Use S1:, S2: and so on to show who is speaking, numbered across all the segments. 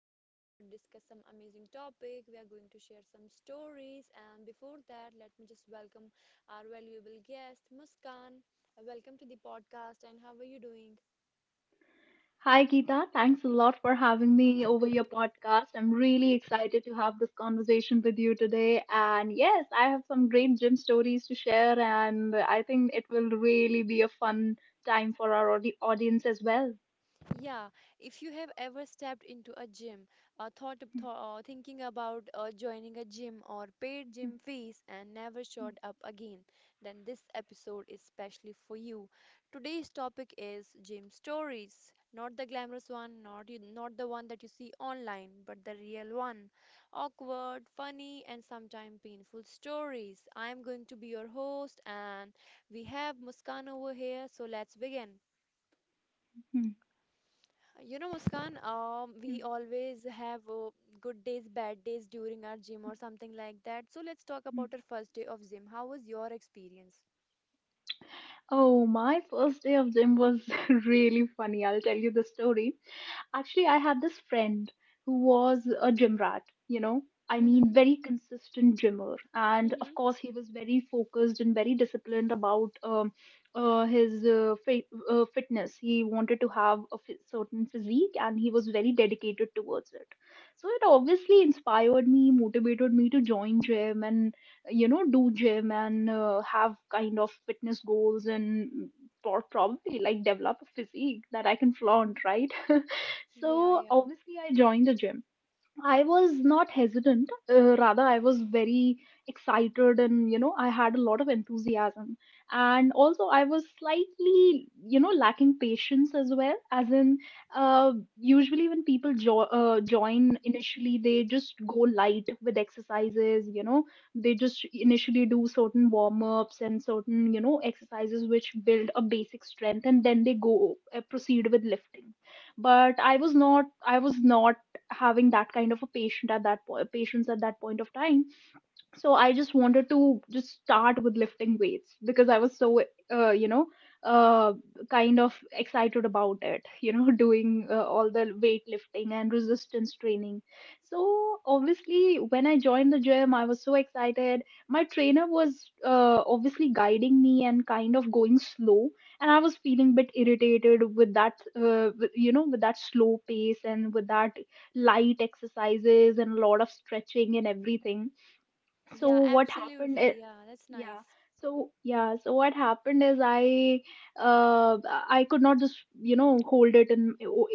S1: we are going to discuss some amazing topic. We are going to share some stories, and before that, let me just welcome our valuable guest, Muskan. Welcome to the podcast, and how are you doing?
S2: Hi, Geeta. Thanks a lot for having me over your podcast. I'm really excited to have this conversation with you today. And yes, I have some great gym stories to share, and I think it will really be a fun time for our audience as well.
S1: Yeah, if you have ever stepped into a gym, thought, thinking about joining a gym or paid gym fees and never showed up again, then this episode is specially for you. Today's topic is gym stories, not the glamorous one, not you, not the one that you see online, but the real one. Awkward, funny, and sometimes painful stories. I am going to be your host, and we have Muskan over here, so let's begin.
S2: Hmm,
S1: You know, Muskan,
S2: hmm,
S1: we always have good days, bad days during our gym or something like that. So let's talk
S2: hmm.
S1: about our first day of gym. How was your experience?
S2: Oh, my first day of gym was really funny. I'll tell you the story. Actually, I had this friend who was a gym rat, you know, I
S1: Mm-hmm.
S2: mean, very consistent gymmer. And of
S1: Mm-hmm.
S2: course, he was very focused and very disciplined about his fitness. He wanted to have a certain physique and he was very dedicated towards it. So it obviously inspired me, motivated me to join gym and, you know, do gym and have kind of fitness goals and or probably like develop a physique that I can flaunt, right?
S1: Yeah,
S2: So
S1: yeah.
S2: obviously I joined the gym. I was not hesitant, rather, I was very excited and you know, I had a lot of enthusiasm. And also, I was slightly, you know, lacking patience as well. As in, usually when people join initially, they just go light with exercises, you know, they just initially do certain warm ups and certain, you know, exercises which build a basic strength and then they go proceed with lifting, but I was not having that kind of a patient at that po- patients at that point of time. So I just wanted to just start with lifting weights because I was so uh, you know uh, kind of excited about it, you know, doing all the weightlifting and resistance training. So obviously when I joined the gym, I was so excited. My trainer was obviously guiding me and kind of going slow, and I was feeling a bit irritated with you know, with that slow pace and with that light exercises and a lot of stretching and everything. So
S1: Yeah,
S2: what happened?
S1: absolutely. Yeah, that's
S2: Yeah.
S1: nice.
S2: So yeah. So what happened is I could not just, you know, hold it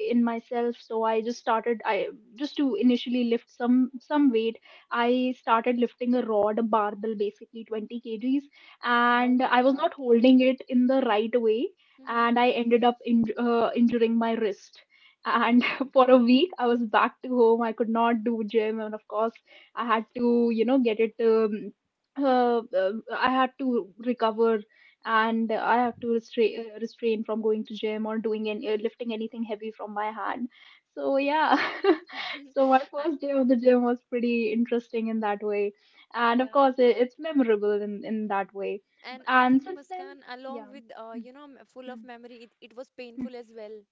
S2: in myself. So I just started. I just to initially lift some weight. I started lifting a rod, a barbell, basically 20 kgs,
S1: Oh
S2: and
S1: my
S2: I was
S1: God.
S2: not holding it in the right
S1: Mm-hmm.
S2: way,
S1: Mm-hmm.
S2: and I ended up in, injuring my wrist. And
S1: Oh.
S2: for a week, I was back to home. I could not do gym, and of course, I had to, you know, get it. I had to recover and I had to restrain from going to gym or doing any lifting anything heavy from my hand. So yeah, so my
S1: I,
S2: first day of the gym was pretty interesting in that way, and of course
S1: yeah.
S2: it's memorable in that way.
S1: And I
S2: And
S1: think
S2: since then,
S1: Muskan, along
S2: yeah.
S1: with you know, full
S2: Mhm.
S1: of memory, it was painful as well.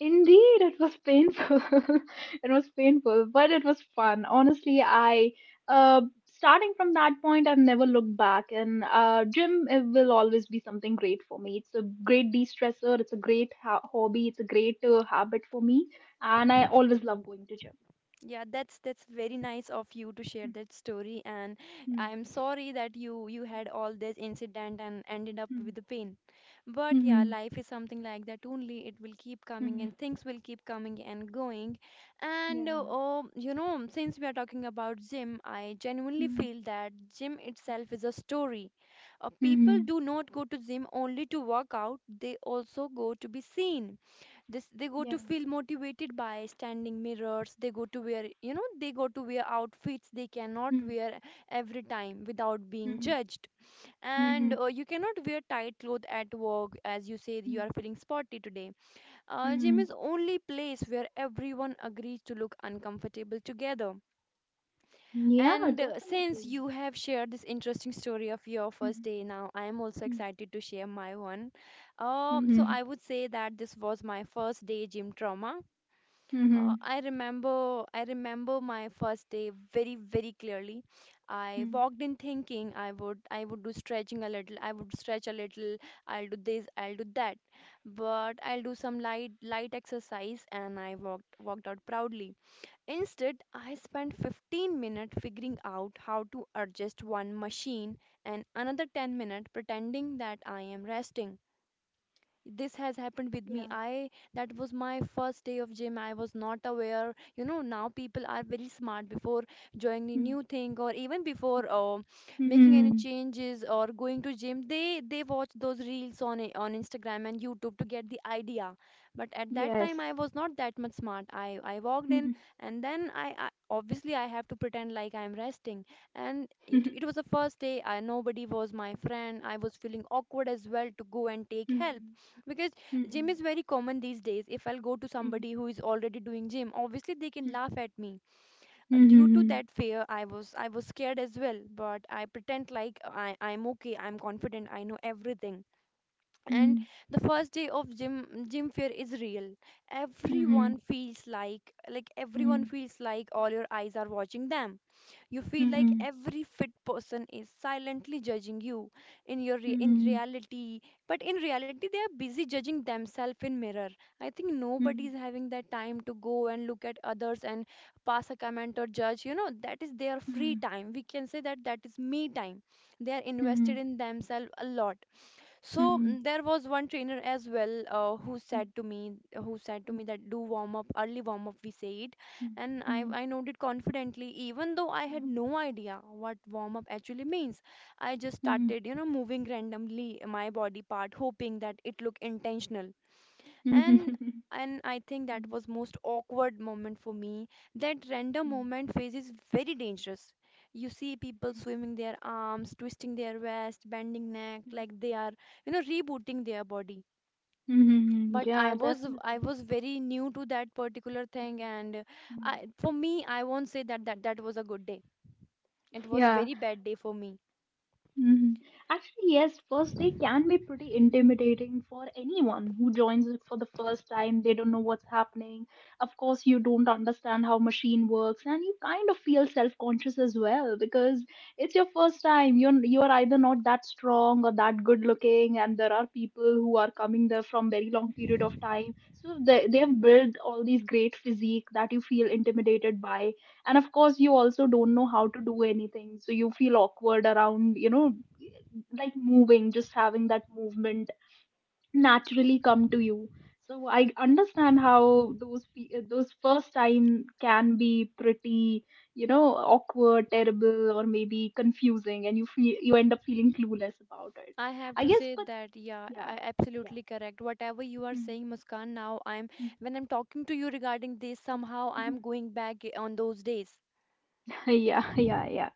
S2: Indeed, it was painful. It was painful, but it was fun. Honestly, I starting from that point, I've never looked back, and gym it will always be something great for me. It's a great de-stressor. It's a great ha hobby. It's a great habit for me, and I always love going to gym.
S1: Yeah, that's very nice of you to share that story, and
S2: Mhm,
S1: I'm sorry that you had all this incident and ended up
S2: mhm,
S1: with the pain. But yeah,
S2: mhm,
S1: life is something like that only. It will keep coming
S2: mhm,
S1: and things will keep coming and going. And
S2: yeah.
S1: oh, you know, since we are talking about gym, I genuinely
S2: Mhm,
S1: feel that gym itself is a story. People
S2: mhm,
S1: do not go to gym only to work out, they also go to be seen. This they go
S2: yeah.
S1: to feel motivated by standing mirrors. They go to wear, you know, they go to wear outfits they cannot
S2: Mhm,
S1: wear every time without being
S2: mhm,
S1: judged. And
S2: mhm,
S1: you cannot wear tight clothes at work as you say you
S2: mhm,
S1: are feeling sporty today. Gym
S2: mhm.
S1: is only place where everyone agrees to look uncomfortable together.
S2: Yeah,
S1: And since
S2: definitely.
S1: you have shared this interesting story of your first
S2: Mhm,
S1: day, now I am also
S2: mhm,
S1: excited to share my one. So I
S2: mhm,
S1: would say that this was my first day gym trauma.
S2: mhm.
S1: I remember my first day very, very clearly. I
S2: Hmm.
S1: walked in thinking I would do stretching a little, I would stretch a little, I'll do this, I'll do that, but I'll do some light, light exercise, and I walked, walked out proudly. Instead, I spent 15 minutes figuring out how to adjust one machine and another 10 minutes pretending that I am resting. This has happened with me.
S2: Yeah.
S1: I That was my first day of gym. I was not aware. You know, now people are very smart before joining
S2: Hmm.
S1: new thing or even before making any
S2: Mhm.
S1: changes or going to gym, they watch those reels on on Instagram and YouTube to get the idea, but at that time
S2: Yes.
S1: I was not that much smart. I walked in
S2: Mhm.
S1: and I obviously I have to pretend like I'm resting. And it was the first day. I, nobody was my friend. I was feeling awkward as well to go and take help,
S2: Mhm.
S1: because gym
S2: Mhm.
S1: is very common these days. If I'll go to
S2: Mhm.
S1: somebody who is already doing gym, obviously they can laugh at me. Due to
S2: Mhm.
S1: that fear, I was scared as well, but I pretend like I'm okay, I'm confident, I know everything. And
S2: Mhm.
S1: the first day of gym, gym fear is real.
S2: Mhm.
S1: Everyone feels like everyone feels like all your eyes are watching them. You feel like
S2: Mhm.
S1: every fit person is silently judging you in
S2: Mhm.
S1: reality, but in reality they are busy judging themselves in mirror. I think nobody is
S2: Mhm.
S1: having that time to go and look at others and pass a comment or judge. You know, that is their free time. We can say that that is me time. They are invested
S2: Mhm.
S1: in themselves a lot. So
S2: Mhm.
S1: there was one trainer as well
S2: Mhm. Mhm. Mhm.
S1: who said to me that do warm up, early warm up, we say it, and I
S2: Mhm.
S1: I nodded confidently, even though I had no idea what warm up actually means. I just
S2: Mhm.
S1: started, you know, moving randomly my body part, hoping that it looked intentional, and
S2: Mhm.
S1: I think that
S2: Mhm.
S1: was most awkward moment for me. That random
S2: Mhm.
S1: moment phase is very dangerous. You see people swimming their arms, twisting their waist, bending neck, like they are, you know, rebooting their body,
S2: Mhm.
S1: but
S2: Yeah,
S1: I
S2: definitely.
S1: was very new to that particular thing. And
S2: Mm.
S1: I, for me, I won't say that that was a good day. It was
S2: Yeah.
S1: very bad day for me.
S2: Mhm. Actually, yes, first day can be pretty intimidating for anyone who joins it for the first time. They don't know what's happening. Of course, you don't understand how machine works, and you kind of feel self-conscious as well because it's your first time. You're either not that strong or that good looking, and there are people who are coming there from very long period of time. So they've built all these great physique that you feel intimidated by, and of course you also don't know how to do anything, so you feel awkward around, you know, like moving, just having that movement naturally come to you. So I understand how those those first time can be pretty, you know, awkward, terrible, or maybe confusing, and you feel you end up feeling clueless about it.
S1: I have
S2: I
S1: to
S2: guess,
S1: say
S2: but
S1: that, yeah,
S2: yeah,
S1: I
S2: yeah.
S1: absolutely correct. Whatever you are
S2: Hmm.
S1: saying, Muskan, now I'm
S2: Hmm.
S1: when I'm talking to you regarding this, somehow
S2: Hmm.
S1: I'm going back on those days.
S2: Yeah.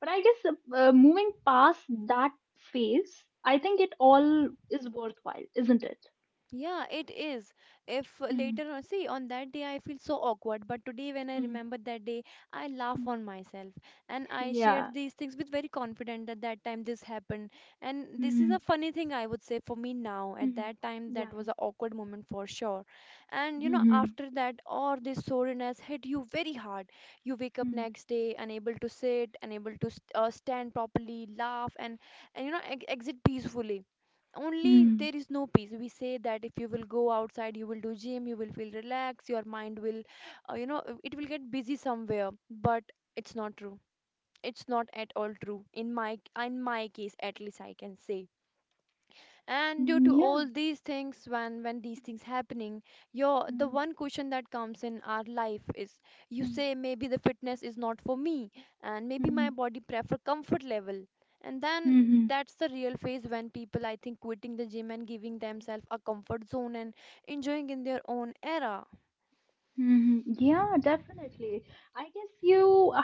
S2: But I guess, moving past that phase, I think it all is worthwhile, isn't it?
S1: Yeah, it is. If
S2: Mm,
S1: later on, see, on that day I feel so awkward, but today when I
S2: mm,
S1: remember that day, I laugh
S2: mm.
S1: on myself, and I share
S2: Yeah.
S1: these things with very confident that that time this happened. And this is a
S2: Mm,
S1: funny thing I would say for me now. At
S2: mm,
S1: that time,
S2: yeah.
S1: that was an awkward moment for sure. And you
S2: Mm,
S1: know,
S2: mm,
S1: after that, all this soreness hit you very hard. You wake up next day unable to sit, unable to st stand properly, laugh, and you know, ex exit peacefully. Only
S2: mm,
S1: there is no peace. We say that if you will go outside, you will do gym, you will feel relaxed, your mind will, it will get busy somewhere, but it's not true. It's not at all true in my, in my case at least I can say. And due
S2: mm,
S1: to
S2: yeah.
S1: all these things, when, these things happening, your the
S2: Mm,
S1: one question that comes in our life is, you
S2: mm,
S1: say maybe the fitness is not for me, and maybe my body prefer comfort level, and
S2: mm,
S1: then
S2: mm,
S1: that's the real phase when people, I think, quitting the gym and giving themselves a comfort zone and enjoying in their own era.
S2: hmm. Yeah, definitely. I guess you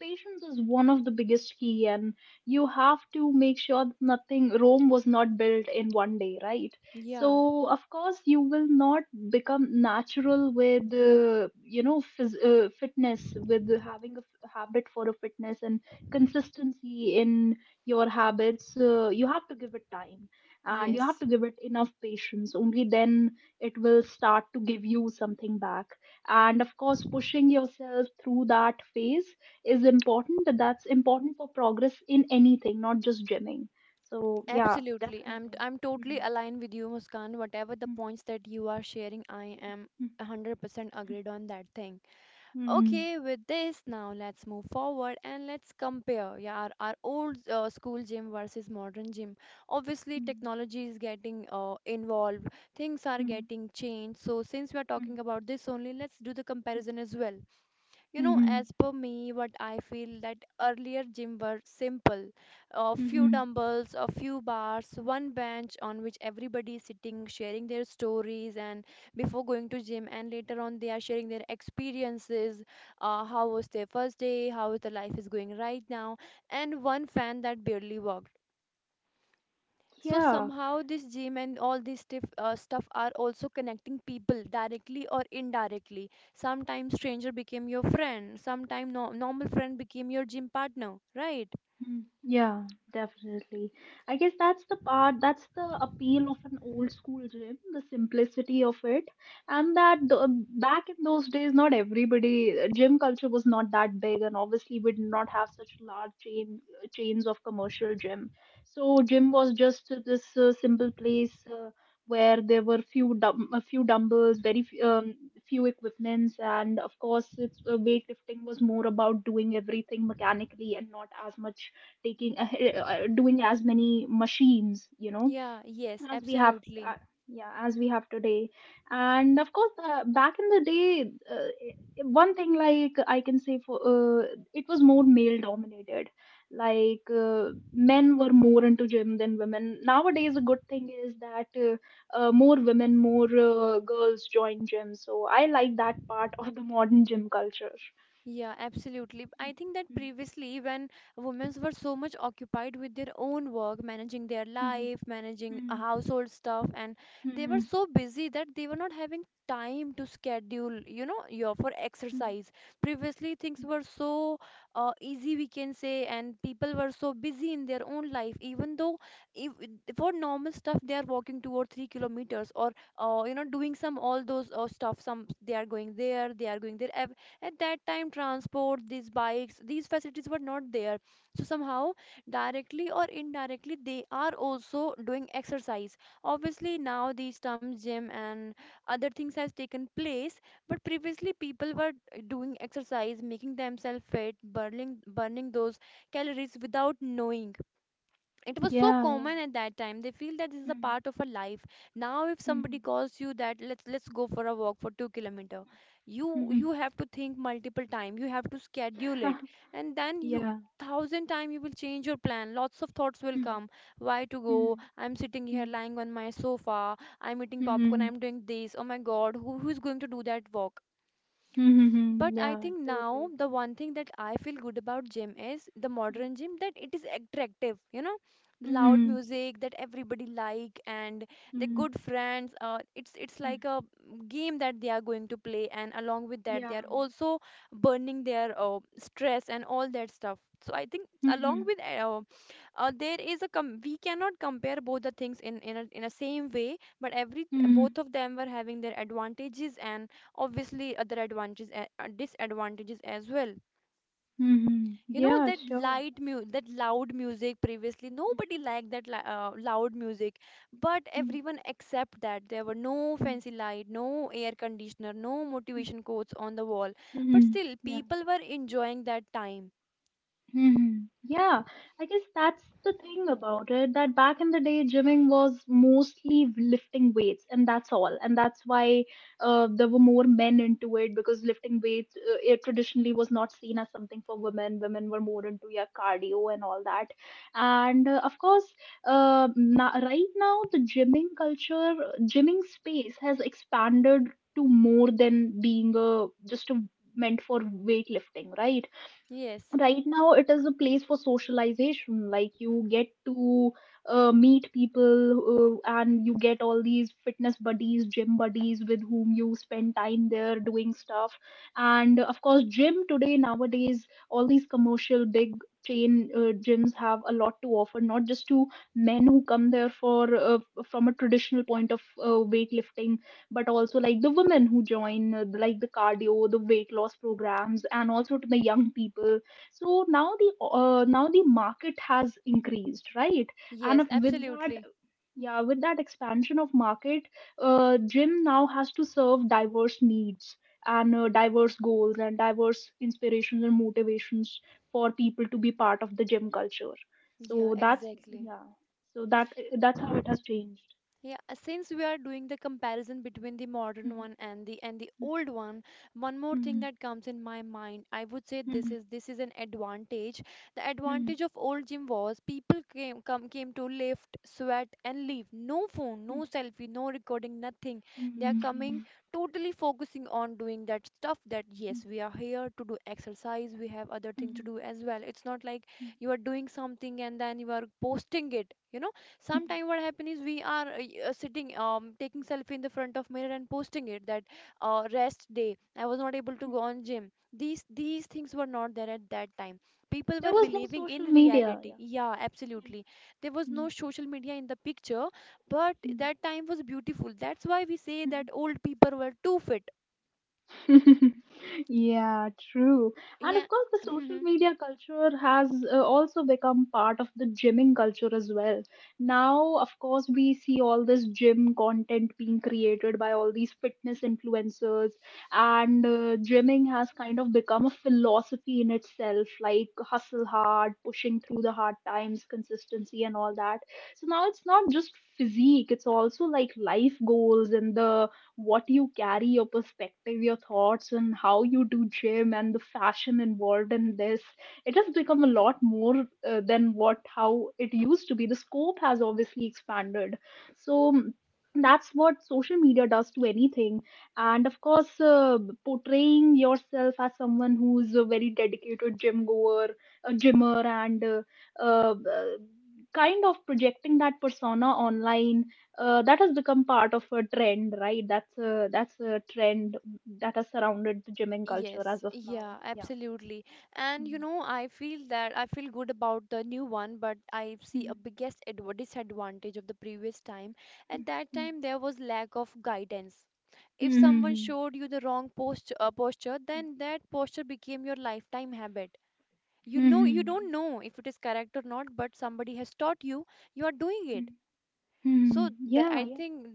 S2: patience is one of the biggest key, and you have to make sure that nothing, Rome was not built in one day, right?
S1: Yeah,
S2: So of course you will not become natural with you know fitness, with having a habit for a fitness and consistency in your habits. You have to give it time, and you have to
S1: yes.
S2: give it enough patience. Only then it will start to give you something back, and of course pushing yourself through that phase is important. That's important for progress in anything, not just gymming. So yeah,
S1: Absolutely.
S2: definitely.
S1: I'm totally
S2: Mm-hmm.
S1: aligned with you, Muskan. Whatever the points that you are sharing, I am 100% agreed on that thing.
S2: Mm-hmm. Mm-hmm.
S1: Okay, with this, now let's move forward and let's compare, yeah, our old school gym versus modern gym. Obviously,
S2: Mm-hmm.
S1: technology is getting involved, things are getting changed. So, since we are talking about this only, let's do the comparison as well. You
S2: Mm-hmm.
S1: know,
S2: Mm-hmm.
S1: as per me, what I feel that earlier gym were simple. A few
S2: Mm-hmm.
S1: dumbbells, a few bars, one bench on which everybody is sitting, sharing their stories and before going to gym, and later on they are sharing their experiences, how was their first day, how is the life is going right now, and one fan that barely worked. So
S2: Yeah.
S1: somehow this gym and all this stuff, are also connecting people directly or indirectly. Sometimes stranger became your friend. Sometimes no normal friend became your gym partner, right?
S2: Mm, yeah, definitely. I guess that's the part, that's the appeal of an old school gym, the simplicity of it, and that back in those days, not everybody, gym culture was not that big, and obviously we did not have such large chains of commercial gym. So gym was just this simple place where there were few dum a few dumbbells, very f few equipments, and of course, it's weightlifting was more about doing everything mechanically and not as much taking doing as many machines, you know,
S1: Yeah, yes,
S2: as we have,
S1: absolutely.
S2: uh, yeah, as we have today. And of course, back in the day, one thing, like, I can say for it was more male dominated, like uh, men were more into gym than women. Nowadays a good thing is that, more women, more girls join gym, so I like that part of the modern gym culture.
S1: Yeah, absolutely. I think that previously, when women were so much occupied with their own work, managing their life, managing household stuff, and they were so busy that they were not having time to schedule, you know, your for exercise. Previously, things were so easy, we can say, and people were so busy in their own life. Even though, if for normal stuff, they are walking 2 or 3 kilometers, or you know, doing some all those stuff. Some they are going there, at that time transport, these bikes, these facilities were not there, so somehow, directly or indirectly, they are also doing exercise. Obviously now these terms gym and other things has taken place, but previously people were doing exercise, making themselves fit, burning those calories without knowing. It was so
S2: Yeah, yeah.
S1: common at that time. They feel that this is a
S2: Mm,
S1: part of a life. Now if somebody
S2: mm,
S1: calls you that let's go for a walk for 2 kilometer, you
S2: mhm.
S1: you have to think multiple time, you have to schedule it, and then you
S2: Yeah.
S1: thousand time you will change your plan, lots of thoughts will
S2: Mm,
S1: come, why to go,
S2: mm,
S1: I'm sitting
S2: mm,
S1: here lying on my sofa, I'm eating popcorn,
S2: mhm,
S1: I'm doing this, oh my god, who is going to do that walk?
S2: mhm,
S1: But I
S2: yeah,
S1: think now
S2: totally.
S1: the one thing that I feel good about gym is the
S2: Mm,
S1: modern gym, that it is attractive, you know, the loud
S2: mhm,
S1: music that everybody like, and the
S2: mm,
S1: good friends. It's
S2: mm,
S1: like a game that they are going to play, and along with that,
S2: yeah.
S1: they are also burning their stress and all that stuff. So I think, along
S2: Mhm,
S1: with there is we cannot compare both the things in in a same way, but every
S2: mm,
S1: both of them were having their advantages and obviously other advantages disadvantages as well.
S2: mhm,
S1: You know
S2: yeah,
S1: that
S2: sure.
S1: that loud music, previously nobody liked that loud music, but
S2: Mm, mm,
S1: everyone accept that there were no
S2: mm,
S1: fancy light, no air conditioner, no
S2: mm,
S1: motivation quotes on the wall, but
S2: mhm,
S1: still
S2: yeah.
S1: people were enjoying that time.
S2: Mhm. Yeah, I guess that's the thing about it, that back in the day, gymming was mostly lifting weights, and that's all. And that's why there were more men into it because lifting weights, it traditionally was not seen as something for women. Women were more into, yeah, cardio and all that. And of course, na right now, the gymming culture, gymming space has expanded to more than being a just a meant for weightlifting, right?
S1: Yes,
S2: Right now it is a place for socialization, like you get to meet people, and you get all these fitness buddies, gym buddies with whom you spend time there doing stuff. And of course gym today, nowadays, all these commercial big chain gyms have a lot to offer, not just to men who come there for from a traditional point of weightlifting, but also like the women who like the cardio, the weight loss programs, and also to the young people. So now the market has increased, right? And
S1: yes,
S2: with that
S1: absolutely.
S2: yeah with that expansion of market, gym now has to serve diverse needs and diverse goals and diverse inspirations and motivations for people to be part of the gym culture. So
S1: Yeah,
S2: that's,
S1: exactly.
S2: yeah, so that's how it has changed.
S1: Yeah, since we are doing the comparison between the modern one and the old one, one more thing that comes in my mind, I would say this is an advantage. The advantage of old gym was people came to lift, sweat, and leave. No phone, no selfie, no recording, nothing. They are coming, totally focusing on doing that stuff, that yes, we are here to do exercise, we have other thing to do as well. It's not like you are doing something and then you are posting it. You know, sometimes what happen is we are sitting, taking selfie in the front of mirror and posting it that rest day. I was not able to go on gym. These things were not there at that time. People
S2: There
S1: were
S2: was no
S1: believing in
S2: social media,
S1: reality.
S2: yeah,
S1: Yeah,
S2: yeah.
S1: absolutely. There was
S2: Hmm.
S1: no social media in the picture, but that time was beautiful. That's why we say
S2: Mhm.
S1: that old people were too fit.
S2: Yeah, true. And
S1: Yeah.
S2: of course, the social media culture has also become part of the gymming culture as well. Now, of course, we see all this gym content being created by all these fitness influencers, and gymming has kind of become a philosophy in itself, like hustle hard, pushing through the hard times, consistency, and all that. So now it's not just physique, it's also like life goals and the what you carry, your perspective, your thoughts, and how you do gym and the fashion involved in this. It has become a lot more than what how it used to be. The scope has obviously expanded. So mm, that's what social media does to anything. And of course, portraying yourself as someone who's a very dedicated gym goer, a gymmer, and uh, uh, kind of projecting that persona online, that has become part of a trend, right? That's a trend that has surrounded the gymming culture
S1: Yes,
S2: as of now.
S1: yeah,
S2: Yeah.
S1: absolutely. And you
S2: Mm.
S1: know, I feel that I feel good about the new one, but I see a biggest adv disadvantage of the previous time. At that time, there was lack of guidance. If someone
S2: Mhm.
S1: showed you the wrong posture, then that posture became your lifetime habit. You know, you
S2: Mhm.
S1: don't know if it is correct or not, but somebody has taught you, you are doing it. So
S2: Mhm.
S1: th
S2: Yeah.
S1: I
S2: Yeah.
S1: think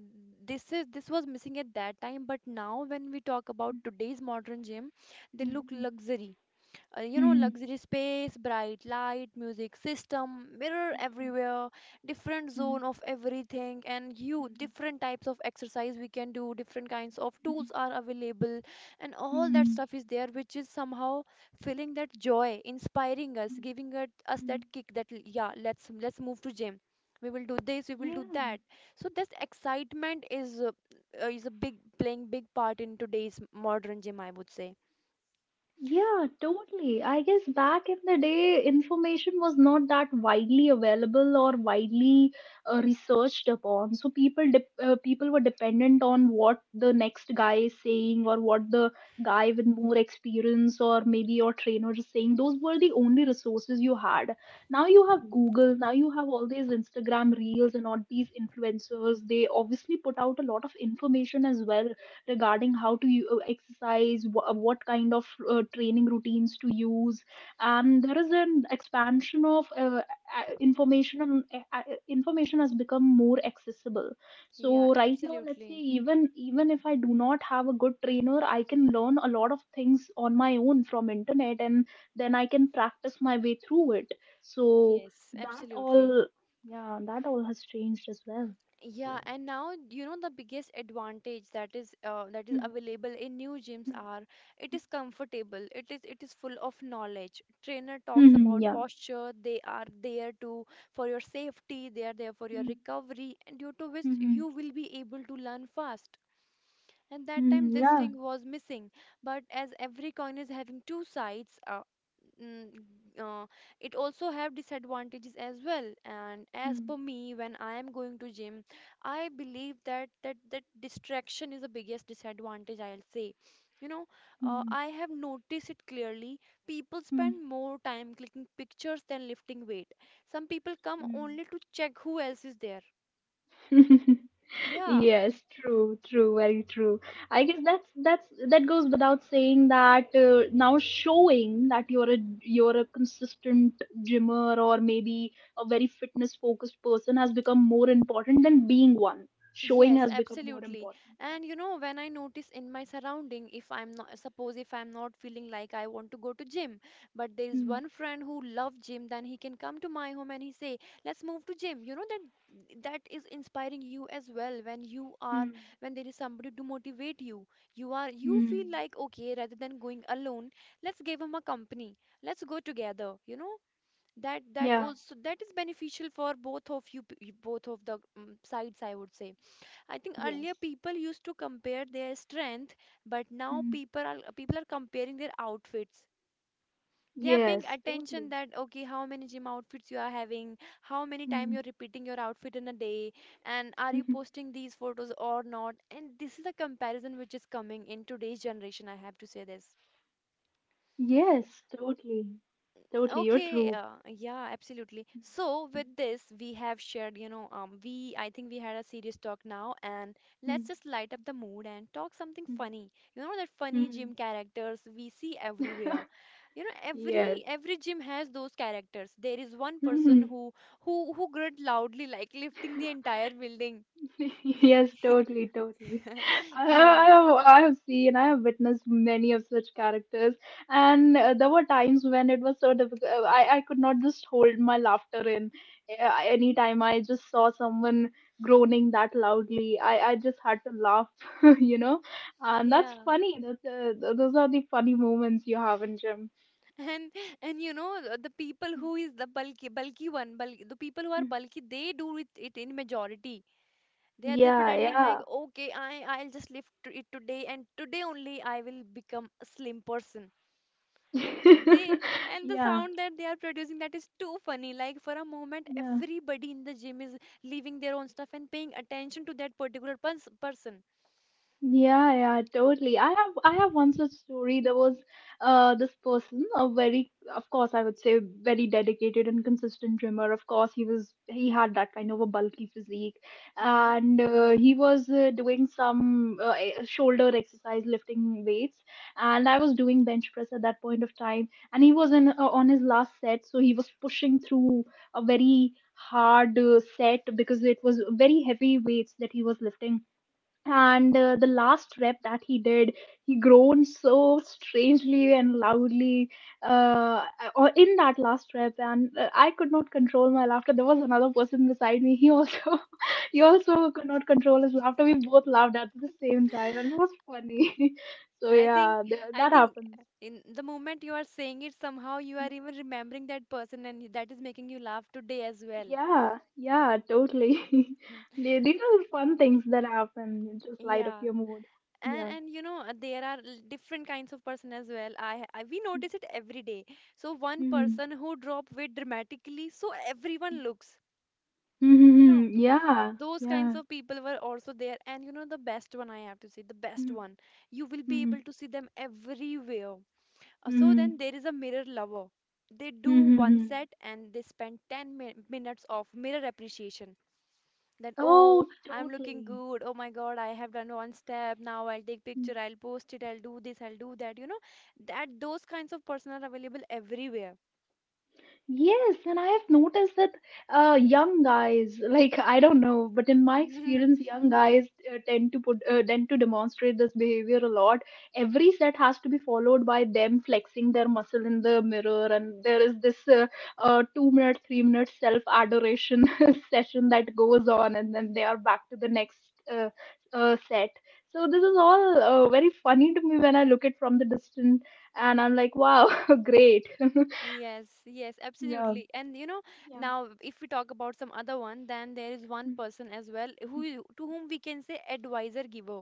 S1: this was missing at that time, but now when we talk about today's modern gym, they look
S2: Mhm.
S1: luxury. You know,
S2: Mhm.
S1: luxury space, bright light, music system, mirror
S2: Mhm.
S1: everywhere, different zone of everything, and you
S2: Mhm.
S1: different types of exercise we can do, different kinds of tools are available, and all that
S2: Mhm.
S1: stuff is there, which is somehow feeling that joy, inspiring us,
S2: Mhm.
S1: giving it, us
S2: Mhm.
S1: that kick that yeah, let's move to gym, we will do this, we will do
S2: Yeah.
S1: that. So this excitement is a big playing big part in today's modern gym, I would say.
S2: Yeah, totally. I guess back in the day, information was not that widely available or widely researched upon. So people were dependent on what the next guy is saying or what the guy with more experience or maybe your trainer is saying. Those were the only resources you had. Now you have Google, now you have all these Instagram reels and all these influencers. They obviously put out a lot of information as well regarding how to exercise, what kind of training routines to use. And there is an expansion of information. Information has become more accessible.
S1: Yeah,
S2: So right now, let's say
S1: absolutely.
S2: even if I do not have a good trainer, I can learn a lot of things on my own from internet, and then I can practice my way through it. So
S1: Yes,
S2: that
S1: absolutely.
S2: all yeah that all has changed as well.
S1: Yeah, and now you know the biggest advantage that is
S2: Yeah.
S1: available in new gyms are it is comfortable. It is full of knowledge. Trainer talks
S2: Hmm,
S1: about posture. They are there to for your safety. They are there for your recovery, and due to which
S2: hmm, hmm.
S1: you will be able to learn fast. And that time
S2: Mm,
S1: this
S2: yeah.
S1: thing was missing. But as every coin is having two sides, Mm, uh, it also have disadvantages as well. And as
S2: Mm,
S1: per me, when I am going to gym, I believe that distraction is the biggest disadvantage, I'll say. You know,
S2: mm,
S1: I have noticed it clearly. People
S2: mm,
S1: spend more time clicking pictures than lifting weight. Some people come
S2: mm.
S1: only to check who else is there. Yeah,
S2: Yes, true, true, very true. I guess that goes without saying that now showing that you're a consistent gymmer or maybe a very fitness focused person has become more important than being one. Showing
S1: yes,
S2: has become more
S1: absolutely.
S2: important. Yeah.
S1: And you know, when I notice in my surrounding, if I'm not, suppose if I'm not feeling like I want to go to gym, but there is
S2: Hmm.
S1: one friend who love gym, then he can come to my home and he say, let's move to gym. You know that that is inspiring you as well when you are
S2: Hmm.
S1: when there is somebody to motivate you. You are you feel
S2: Hmm.
S1: like, okay, rather than going alone, let's give him a company. Let's go together. You know that that
S2: Yeah.
S1: also that is beneficial for both of you, both of the sides, I would say. I think earlier
S2: Yes.
S1: people used to compare their strength, but now
S2: Hmm.
S1: people are comparing their outfits. They are paying
S2: Yes. Totally.
S1: attention that, okay, how many gym outfits you are having, how many time
S2: Hmm.
S1: you're repeating your outfit in a day, and are you posting these photos or not? And this is a comparison which is coming in today's generation, I have to say this.
S2: Yes. Totally. Totally, you're
S1: Okay,
S2: true.
S1: yeah, absolutely. So with this, we have shared, you know, we I think we had a serious talk now, and
S2: Mhm,
S1: let's just light up the mood and talk something
S2: mhm,
S1: funny. You know that funny
S2: mhm.
S1: gym characters we see everywhere. You know,
S2: Yes.
S1: every gym has those characters. There is one person
S2: Mhm.
S1: who grunt loudly, like lifting the entire building.
S2: Yes, totally, totally.
S1: Yeah,
S2: I have seen, I have witnessed many of such characters, and there were times when it was so difficult. I could not just hold my laughter in. Anytime I just saw someone groaning that loudly, I just had to laugh, you know? And that's
S1: yeah.
S2: funny. That's, those are the funny moments you have in gym.
S1: And and you know the people who is the bulky bulky one, bulky, the people who are
S2: Mm.
S1: bulky, they do it in majority. They are they
S2: Yeah,
S1: pretending like,
S2: yeah.
S1: okay, I'll just live to it today and today only I will become a slim person. They and the
S2: Yeah,
S1: sound that they are producing, that is too funny. Like for a moment,
S2: yeah.
S1: everybody in the gym is leaving their own stuff and paying attention to that particular person.
S2: Yeah, yeah, totally. I have one such story. There was this person, a very of course I would say very dedicated and consistent swimmer. Of course he had that kind of a bulky physique,
S1: Hmm.
S2: and he was doing some shoulder exercise, lifting weights, and I was doing bench press at that point of time, and he was in on his last set, so he was pushing through a very hard set because it was very heavy weights that he was lifting and the last rep that he did, he groaned so strangely and loudly uh, or in that last rep, and I could not control my laughter. There was another person beside me. He also he also could not control his laughter. We both laughed at the same time, and it was funny. So
S1: I think
S2: yeah,
S1: I
S2: that
S1: think
S2: happens.
S1: in the moment you are saying it, somehow you are even remembering that person and that is making you laugh today as well.
S2: Yeah, yeah, totally. They- these are the fun things that happen. You just light up
S1: Yeah.
S2: your mood.
S1: and
S2: Yeah.
S1: and you know, there are different kinds of person as well. I we notice it every day. So one
S2: Mhm.
S1: person who drop weight dramatically, so everyone looks, you know,
S2: Mhm. Yeah,
S1: those
S2: yeah.
S1: kinds of people were also there. And you know the best one, I have to say, the best
S2: Mhm,
S1: one you will be
S2: mhm,
S1: able to see them everywhere. So then
S2: mhm,
S1: there is a mirror lover. They do
S2: mhm,
S1: one
S2: mhm.
S1: set and they spend 10 minutes of mirror appreciation that, oh,
S2: Oh,
S1: I'm looking
S2: totally.
S1: good, oh my god, I have done one step, now I'll take picture, I'll post it, I'll do this, I'll do that, you know. That those kinds of person are available everywhere.
S2: Yes, and I have noticed that young guys, like I don't know, but in my experience, young guys tend to demonstrate this behavior a lot. Every set has to be followed by them flexing their muscle in the mirror, and there is this 2 minute, 3 minute self adoration session that goes on, and then they are back to the next uh, set. So this is all very funny to me when I look at from the distance, and I'm like, wow, great.
S1: Yes, yes,
S2: Yeah.
S1: absolutely. And you know, now if we talk about some other one, then there is one
S2: Mm.
S1: person as well who to whom we can say advisor giver.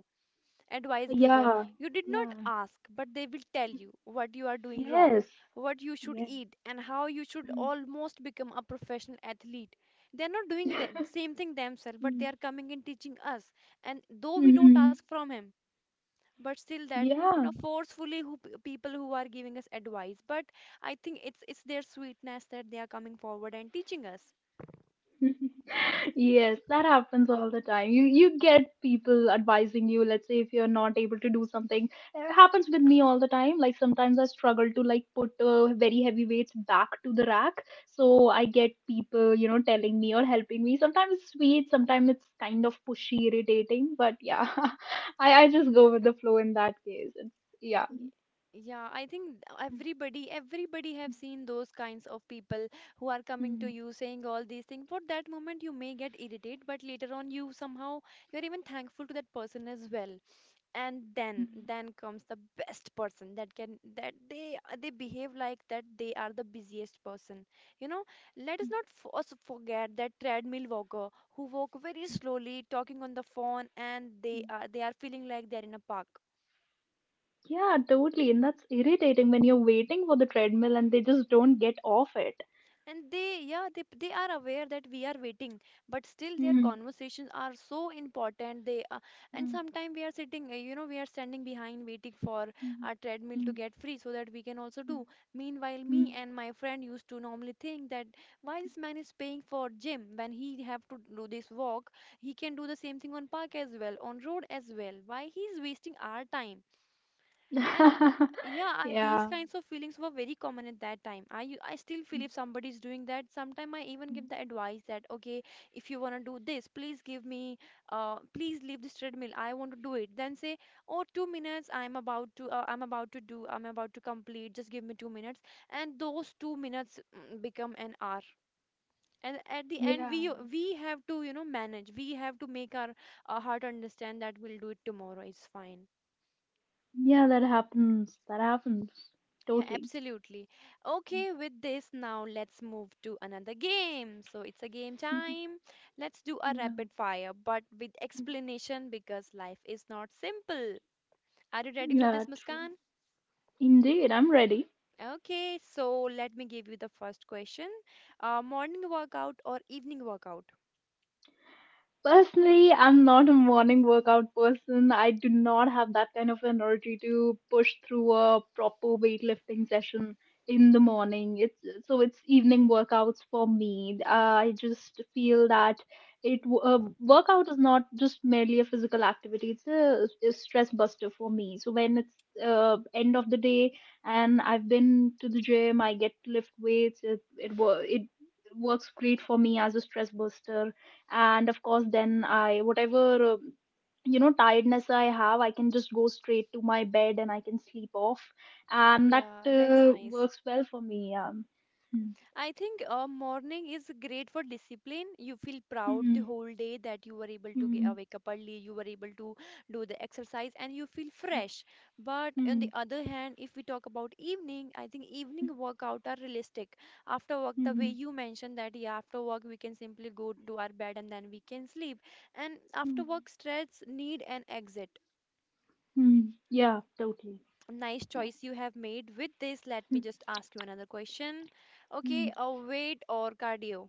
S1: Advice giver.
S2: Yeah,
S1: You did not
S2: yeah,
S1: ask, but they will tell you what you are doing wrong,
S2: yes,
S1: what you should
S2: yes.
S1: eat, and how you should
S2: Mm.
S1: almost become a professional athlete. They are not doing the same thing themselves, but they
S2: Mm.
S1: are coming and teaching us. And though we don't
S2: Mhm.
S1: ask from him, but still that you know
S2: Yeah.
S1: forcefully people who are giving us advice. But I think it's their sweetness that they are coming forward and teaching us.
S2: Yes, that happens all the time. You get people advising you, let's say if you're not able to do something. It happens with me all the time. Like sometimes I struggle to like put very heavy weights back to the rack. So I get people, you know, telling me or helping me. Sometimes it's sweet, sometimes it's kind of pushy, irritating, but yeah. I just go with the flow in that case. It's, yeah.
S1: Y- Yeah, I think everybody have seen those kinds of people who are coming to
S2: Mm,
S1: you saying all these things. For that moment, you may get irritated, but later on, you somehow you're even thankful to that person as well. And
S2: mm,
S1: then comes the best person that they behave like that they are the busiest person. You know, let us not f us forget that treadmill walker who walk very slowly, talking on the phone, and
S2: mm.
S1: they are feeling like they're in a park.
S2: Yeah, totally. And that's irritating when you're waiting for the treadmill and they just don't get off it.
S1: And they, yeah, they are aware that we are waiting, but still their
S2: Mm,
S1: conversations are so important, they are, and
S2: mm,
S1: sometimes we are sitting, you know, we are standing behind waiting for
S2: mm,
S1: our treadmill
S2: mm,
S1: to get free so that we can also
S2: mm,
S1: do. Meanwhile,
S2: mm.
S1: me and my friend used to normally think that why this man is paying for gym when he have to do this walk. He can do the same thing on park as well, on road as well. Why he is wasting our time? And yeah, these
S2: Yeah.
S1: kinds of feelings were very common at that time. I still feel
S2: Mm,
S1: if somebody is doing that, sometimes I even
S2: mm.
S1: give the advice that, okay, if you wanna do this, please give me, please leave this treadmill. I want to do it. Then say, oh, 2 minutes. I'm about to do, I'm about to complete. Just give me 2 minutes. And those 2 minutes become an hour. And at the end,
S2: Yeah.
S1: we have to, you know, manage. We have to make our heart understand that we'll do it tomorrow. It's fine.
S2: Yeah, that happens. That happens.
S1: Yeah,
S2: Totally.
S1: absolutely. Okay, with this, now let's move to another game. So it's a game time. Let's do a
S2: Yeah.
S1: rapid fire, but with
S2: Mm.
S1: explanation because life is not simple. Are you ready for
S2: Yeah,
S1: this,
S2: true.
S1: Muskan?
S2: Indeed, I'm ready.
S1: Okay, so let me give you the first question. Morning workout or evening workout?
S2: Personally, I'm not a morning workout person. I do not have that kind of energy to push through a proper weightlifting session in the morning. It's evening workouts for me. I just feel that workout is not just merely a physical activity. It's a stress buster for me. So when it's end of the day and I've been to the gym, I get to lift weights. It works great for me as a stress buster, and of course then I whatever, you know, tiredness I have, I can just go straight to my bed and I can sleep off, and
S1: Yeah,
S2: that
S1: that's nice.
S2: works well for me. Hmm.
S1: I think morning is great for discipline. You feel proud the
S2: Hmm.
S1: whole day that you were able to wake up early, you were able to do the exercise, and you feel
S2: Hmm.
S1: fresh. But on
S2: Hmm.
S1: the other hand, if we talk about evening, I think
S2: Hmm.
S1: evening workout are realistic. After work, the way
S2: Hmm.
S1: you mentioned that, yeah, after work we can simply go to our bed and then we can sleep. And after
S2: Hmm.
S1: work stress need an exit.
S2: Hmm. Yeah, totally.
S1: Nice
S2: Yeah.
S1: choice you have made. With this, let
S2: Hmm.
S1: me just ask you another question.
S2: Hmm.
S1: Okay, weight or cardio?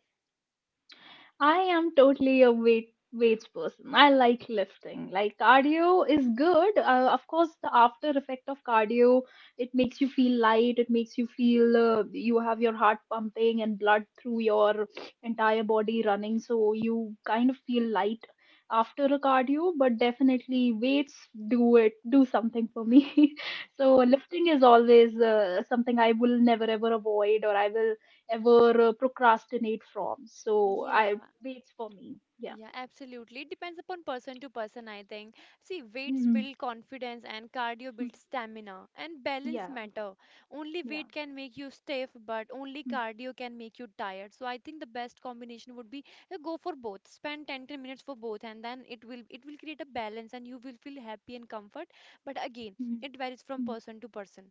S2: I am totally a weights person. I like lifting. Like cardio is good. Of course, the after effect of cardio, it makes you feel light. It makes you feel you have your heart pumping and blood through your entire body running. So you kind of feel light after a cardio. But definitely, weights do it. Do something for me. So lifting is always something I will never ever avoid, or I will ever procrastinate from. So I,
S1: Yeah,
S2: waits for me. Yeah.
S1: yeah, absolutely. It depends upon person to person, I think. See, weights
S2: Mhm.
S1: build confidence and cardio
S2: Mm.
S1: builds stamina and balance
S2: Yeah.
S1: matter. Only
S2: Yeah.
S1: weight can make you stiff, but only
S2: Mhm.
S1: cardio can make you tired. So I think the best combination would be go for both. Spend 10 minutes for both and then it will create a balance and you will feel happy and comfort. But again,
S2: Mhm.
S1: it varies from
S2: Mm.
S1: person to person.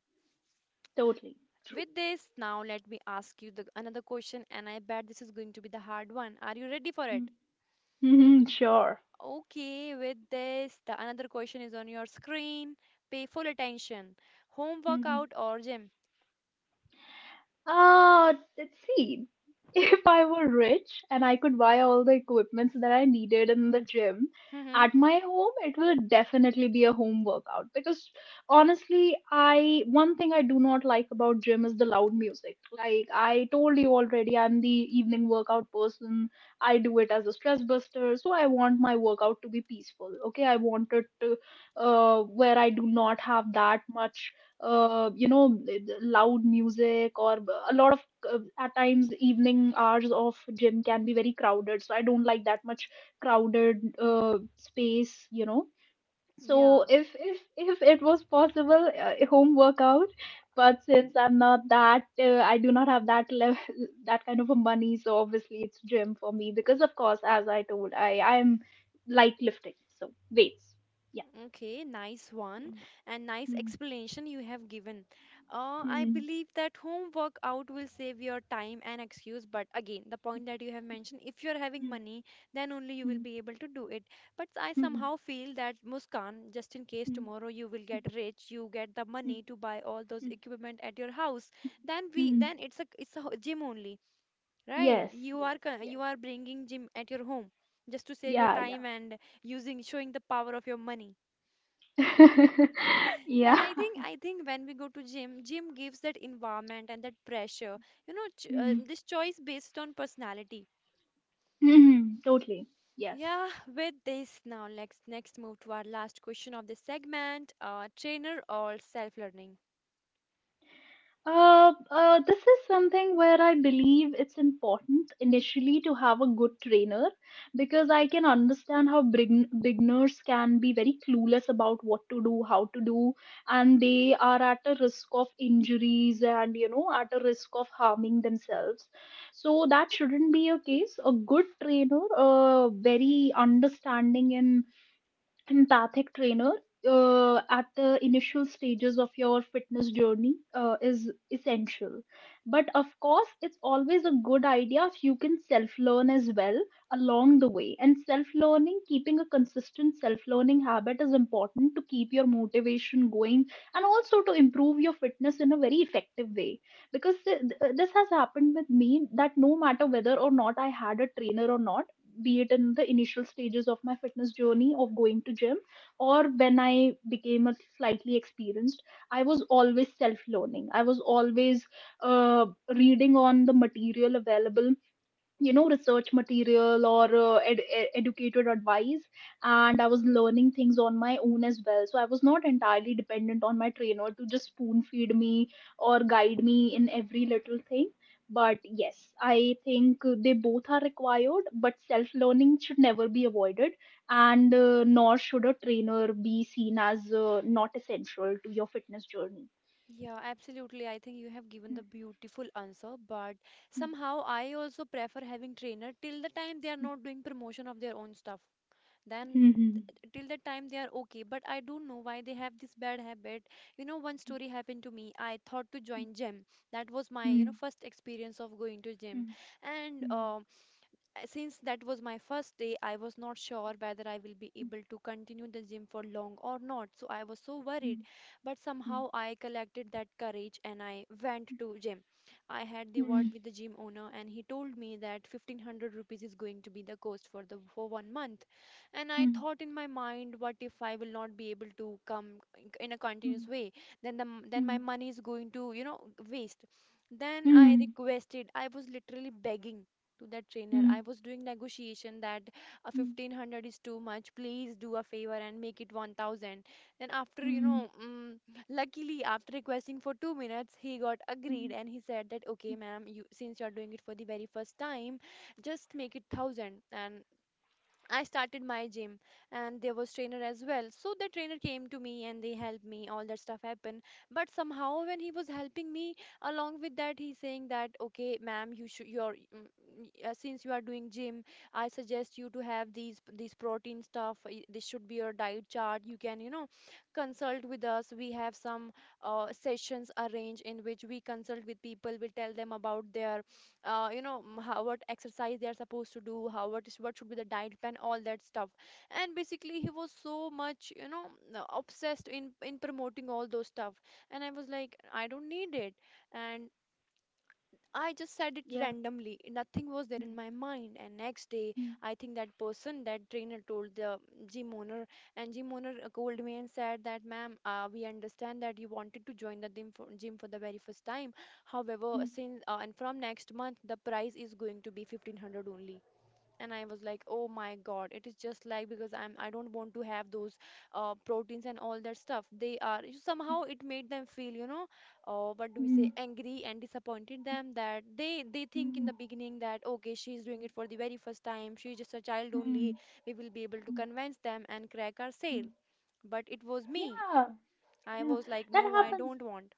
S2: Totally. True.
S1: With this, now let me ask you the another question and I bet this is going to be the hard one. Are you ready for
S2: Mm.
S1: it?
S2: Mhm. Sure.
S1: Okay, with this, the another question is on your screen. Pay full attention. Home
S2: Mhm.
S1: workout or gym?
S2: Ah, let's see. If I were rich and I could buy all the equipments that I needed in the gym
S1: Mm-hmm.
S2: at my home, it will definitely be a home workout because honestly, I one thing I do not like about gym is the loud music. Like I told you already, I'm the evening workout person. I do it as a stress buster, so I want my workout to be peaceful. Okay, I want it to where I do not have that much you know loud music or a lot of, at times evening hours of gym can be very crowded, so I don't like that much crowded space, you know, so
S1: Yeah.
S2: if it was possible a home workout, but since I'm not that, I do not have that level that kind of a money, so obviously it's gym for me because of course as I told, I am light lifting, so weights, yeah.
S1: Okay, nice one and nice
S2: Mm,
S1: explanation you have given. I
S2: mm,
S1: believe that home workout will save your time and excuse, but again, the point that you have mentioned, if you're having
S2: mm,
S1: money, then only you will
S2: mm,
S1: be able to do it. But I
S2: mm, mm,
S1: somehow feel that Muskan, just in case
S2: mm.
S1: tomorrow you will get rich, you get the money to buy all those equipment at your house, then we
S2: Mhm.
S1: then it's a gym only, right?
S2: Yes,
S1: You are
S2: yes,
S1: you
S2: yes.
S1: are bringing gym at your home just to save your
S2: Yeah, yeah.
S1: time and using showing the power of your money. And
S2: Yeah.
S1: I think when we go to gym, gym gives that environment and that pressure. You know, ch
S2: Mhm.
S1: this choice based on personality.
S2: Mhm. Totally. Yes.
S1: Yeah, with this now, let's next move to our last question of this segment, trainer or self-learning?
S2: This is something where I believe it's important initially to have a good trainer because I can understand how beginners can be very clueless about what to do, how to do, and they are at a risk of injuries and you know at a risk of harming themselves. So that shouldn't be a case. A good trainer, very understanding and empathic trainer at the initial stages of your fitness journey is essential. But of course, it's always a good idea if you can self learn as well along the way. And self learning, keeping a consistent self learning habit is important to keep your motivation going and also to improve your fitness in a very effective way. Because this has happened with me that no matter whether or not I had a trainer or not, be it in the initial stages of my fitness journey of going to gym or when I became a slightly experienced, I was always self learning. I was always uh, reading on the material available, you know, research material or educated advice, and I was learning things on my own as well, so I was not entirely dependent on my trainer to just spoon feed me or guide me in every little thing. But yes, I think they both are required, but self learning should never be avoided, and nor should a trainer be seen as not essential to your fitness journey.
S1: Yeah, absolutely. I think you have given the beautiful answer, but somehow I also prefer having trainer till the time they are not doing promotion of their own stuff. Then till that time they are okay, but I don't know why they have this bad habit. You know, one story happened to me. I thought to join gym. That was my, you know, first experience of going to gym. And Since that was my first day, I was not sure whether I will be able to continue the gym for long or not. So I was so worried, but somehow I collected that courage and I went to gym. I had the word with the gym owner and he told me that 1500 rupees is going to be the cost for the for one month. And I
S2: Mm,
S1: thought in my mind, what if I will not be able to come in a continuous
S2: mm,
S1: way? Then then my
S2: mm,
S1: money is going to, you know, waste. Then I
S2: mm,
S1: requested, I was literally begging to that trainer. I
S2: mm,
S1: was doing negotiation that a
S2: mm,
S1: 1500 is too much. Please do a favor and make it 1000. Then after, you
S2: mm,
S1: know, luckily after requesting for 2 minutes, he got agreed
S2: mm,
S1: and he said that, okay,
S2: mm.
S1: ma'am, you since you're doing it for the very first time, just make it 1000. And I started my gym and there was trainer as well. So the trainer came to me and they helped me. All that stuff happened. But somehow when he was helping me, along with that he's saying that, okay, ma'am, you should you're mm, y- since you are doing gym, I suggest you to have these protein stuff. This should be your diet chart. You can, you know, consult with us. We have some sessions arranged in which we consult with people. We tell them about their you know, how, what exercise they are supposed to do, how, what is, what should be the diet plan, all that stuff. And basically he was so much, you know, obsessed in promoting all those stuff. And I was like, I don't need it. And I just said it
S2: Yeah.
S1: randomly. Nothing was there
S2: Mm,
S1: in my mind. And next day,
S2: mm,
S1: I think that person, that trainer, told the gym owner, and gym owner called me and said that, ma'am, we understand that you wanted to join the gym for, gym for the very first time. However,
S2: mm,
S1: since and from next month, the price is going to be 1500 only. And I was like, oh my god, it is just like because I don't want to have those proteins and all that stuff. They are somehow it made them feel, you know, what do we say,
S2: mm,
S1: angry, and disappointed them that they think in
S2: mm,
S1: the beginning that, okay, she's doing it for the very first time, she's just a child
S2: mm,
S1: only, we will be able to
S2: mm,
S1: convince them and crack our sale.
S2: mm.
S1: But it was me,
S2: Yeah,
S1: I
S2: yeah.
S1: was like,
S2: That
S1: no, I
S2: happens.
S1: don't want.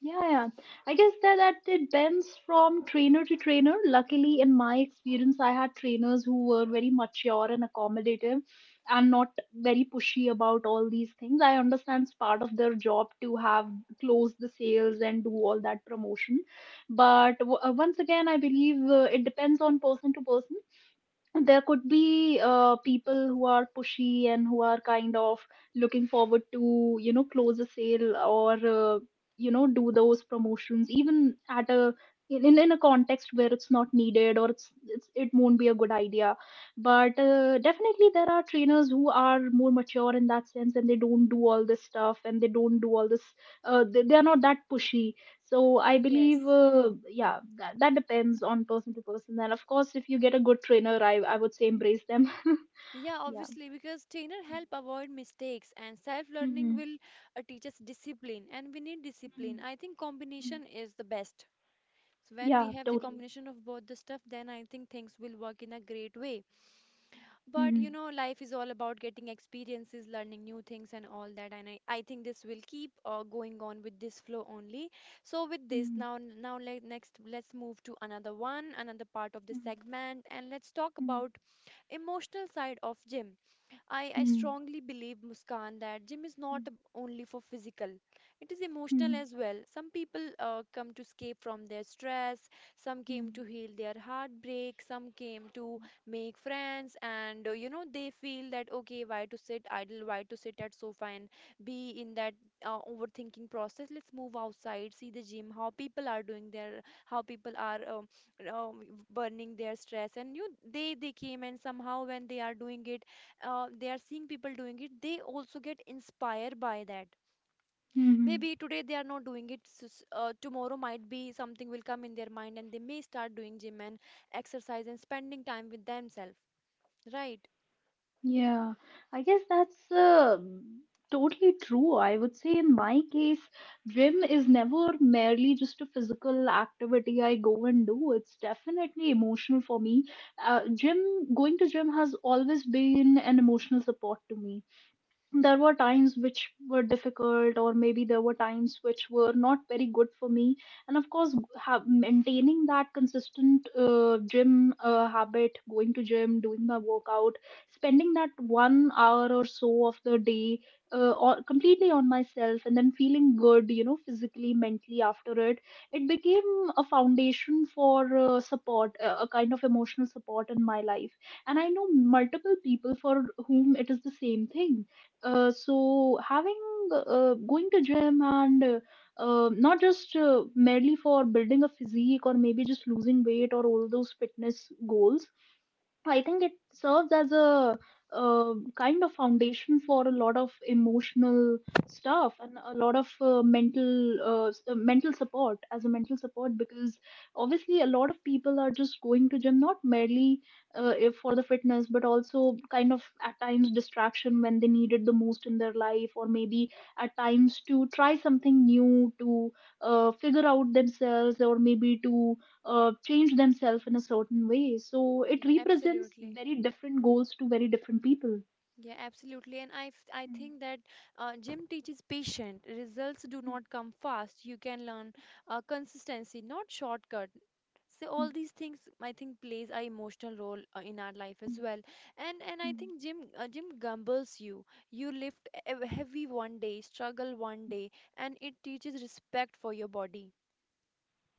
S2: Yeah, yeah. I guess that, that it bends from trainer to trainer. Luckily, in my experience, I had trainers who were very mature and accommodative and not very pushy about all these things. I understand it's part of their job to have close the sales and do all that promotion. But once again, I believe it depends on person to person. There could be people who are pushy and who are kind of looking forward to close a sale or do those promotions even at a in a context where it's not needed, or it won't be a good idea. But definitely there are trainers who are more mature in that sense, and they don't do all this stuff and they don't do all this. They are not that pushy. So I believe,
S1: Yes.
S2: yeah, that depends on person to person. And of course, if you get a good trainer, I would say embrace them.
S1: Yeah,
S2: Yeah.
S1: obviously, because trainer help avoid mistakes and self-learning
S2: Mm-hmm.
S1: will teach us discipline, and we need
S2: Mm-hmm.
S1: discipline. I think combination is the best. So when we
S2: Yeah,
S1: have the
S2: totally.
S1: combination of both the stuff, then I think things will work in a great way. But you
S2: Mm-hmm.
S1: know, life is all about getting experiences, learning new things and all that. And I think this will keep going on with this flow only. So with this,
S2: Mm-hmm.
S1: next let's move to another one, another part of the
S2: Mm-hmm.
S1: segment, and let's talk about emotional side of gym. I
S2: Mm-hmm.
S1: strongly believe, Muskan, that gym is not only for physical, it is emotional
S2: Mm-hmm.
S1: as well. Some people come to escape from their stress, some came to
S2: Mm-hmm.
S1: heal their heartbreak, some came to make friends, and you know, they feel that, okay, why to sit idle, why to sit at sofa and be in that overthinking process? Let's move outside, see the gym, how people are doing their, how people are um, burning their stress, and you, they came and somehow when they are doing it they are seeing people doing it, they also get inspired by that.
S2: Mm-hmm.
S1: Maybe today they are not doing it, tomorrow might be something will come in their mind and they may start doing gym and exercise and spending time with themselves, right?
S2: Yeah, I guess that's totally true. I would say in my case, gym is never merely just a physical activity I go and do. It's definitely emotional for me. Going to gym has always been an emotional support to me. There were times which were difficult, or maybe there were times which were not very good for me. And of course, maintaining that consistent gym habit, going to gym, doing my workout, spending that one hour or so of the day or completely on myself, and then feeling good, physically, mentally after it, it became a foundation for support a kind of emotional support in my life. And I know multiple people for whom it is the same thing. So having Going to gym and not just merely for building a physique, or maybe just losing weight, or all those fitness goals. So I think it serves as a, kind of foundation for a lot of emotional stuff, and a lot of mental support, as a mental support, because obviously a lot of people are just going to gym not merely if for the fitness, but also kind of at times distraction when they need it the most in their life, or maybe at times to try something new, to figure out themselves, or maybe to change themselves in a certain way. So it
S1: Yeah,
S2: represents
S1: absolutely.
S2: very different goals to very different people.
S1: Yeah, absolutely. And I
S2: Mm,
S1: think that gym teaches patience. Results do
S2: mm,
S1: not come fast. You can learn consistency, not shortcut. So
S2: mm,
S1: all these things I think plays a emotional role in our life as well. And
S2: mm,
S1: I
S2: mm.
S1: think jim gambles you. You lift heavy one day, struggle one day, and it teaches respect for your body.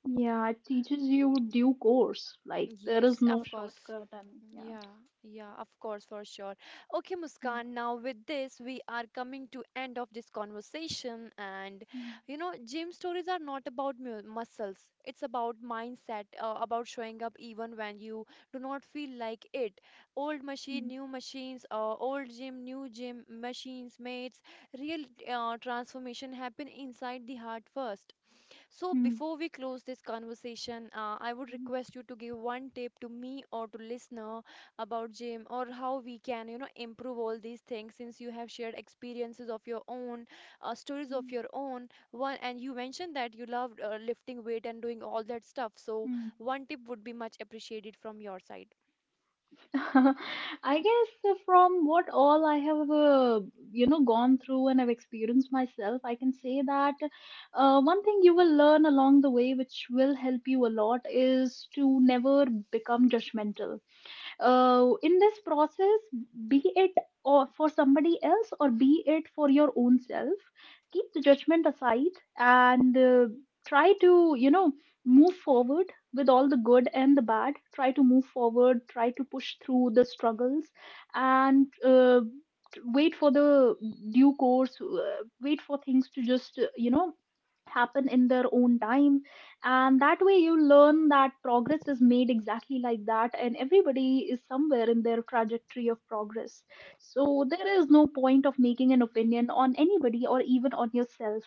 S2: Yeah, it teaches you due course. Like there is
S1: Yes,
S2: no
S1: of course.
S2: shortcut, and yeah.
S1: Yeah, yeah, of course, for sure. Okay,
S2: Mm,
S1: Muskan, now with this, we are coming to end of this conversation. And
S2: mm,
S1: you know, gym stories are not about mu muscles. It's about mindset, about showing up even when you do not feel like it. Old machine,
S2: mm,
S1: new machines, old gym, new gym, machines, mates, real transformation happen inside the heart first. So,
S2: mm,
S1: before we close this conversation, I would
S2: mm,
S1: request you to give one tip to me or to listener about gym or how we can, you know, improve all these things since you have shared experiences of your own, stories of
S2: mm,
S1: your own. One, and you mentioned that you loved lifting weight and doing all that stuff. So,
S2: mm.
S1: one tip would be much appreciated from your side.
S2: I guess from what all I have, gone through and I've experienced myself, I can say that one thing you will learn along the way, which will help you a lot, is to never become judgmental in this process. Be it or for somebody else, or be it for your own self, keep the judgment aside, and try to move forward. With all the good and the bad, try to move forward, try to push through the struggles, and wait for the due course. Wait for things to just happen in their own time. And that way you learn that progress is made exactly like that, and everybody is somewhere in their trajectory of progress. So there is no point of making an opinion on anybody, or even on yourself.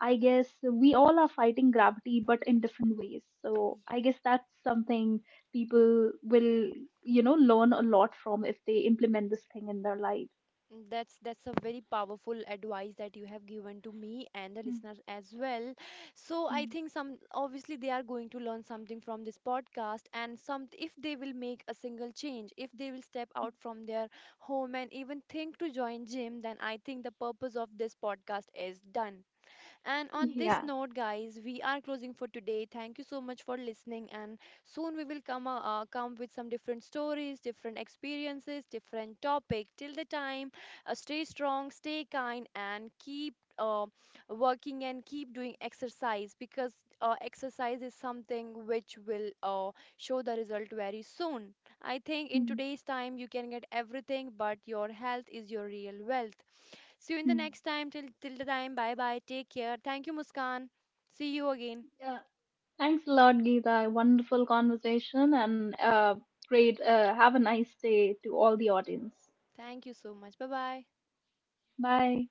S2: I guess we all are fighting gravity, but in different ways. So I guess that's something people will, learn a lot from, if they implement this thing in their life.
S1: That's a very powerful advice that you have given to me and the
S2: Mm,
S1: listeners as well. So I
S2: mm.
S1: think some obviously they are going to learn something from this podcast, and some, if they will make a single change, if they will step out from their home and even think to join gym, then I think the purpose of this podcast is done. And on this
S2: Yeah.
S1: note, guys, we are closing for today. Thank you so much for listening. And soon we will come come with some different stories, different experiences, different topic. Till the time, stay strong, stay kind, and keep working and keep doing exercise, because exercise is something which will show the result very soon. I think in
S2: Mm,
S1: today's time you can get everything, but your health is your real wealth. See you in the
S2: mm.
S1: next time. Till the time. Bye bye. Take care. Thank you, Muskan. See you again.
S2: Thanks a lot, Geeta. Wonderful conversation and great. Have a nice day to all the audience.
S1: Thank you so much. Bye bye.
S2: Bye.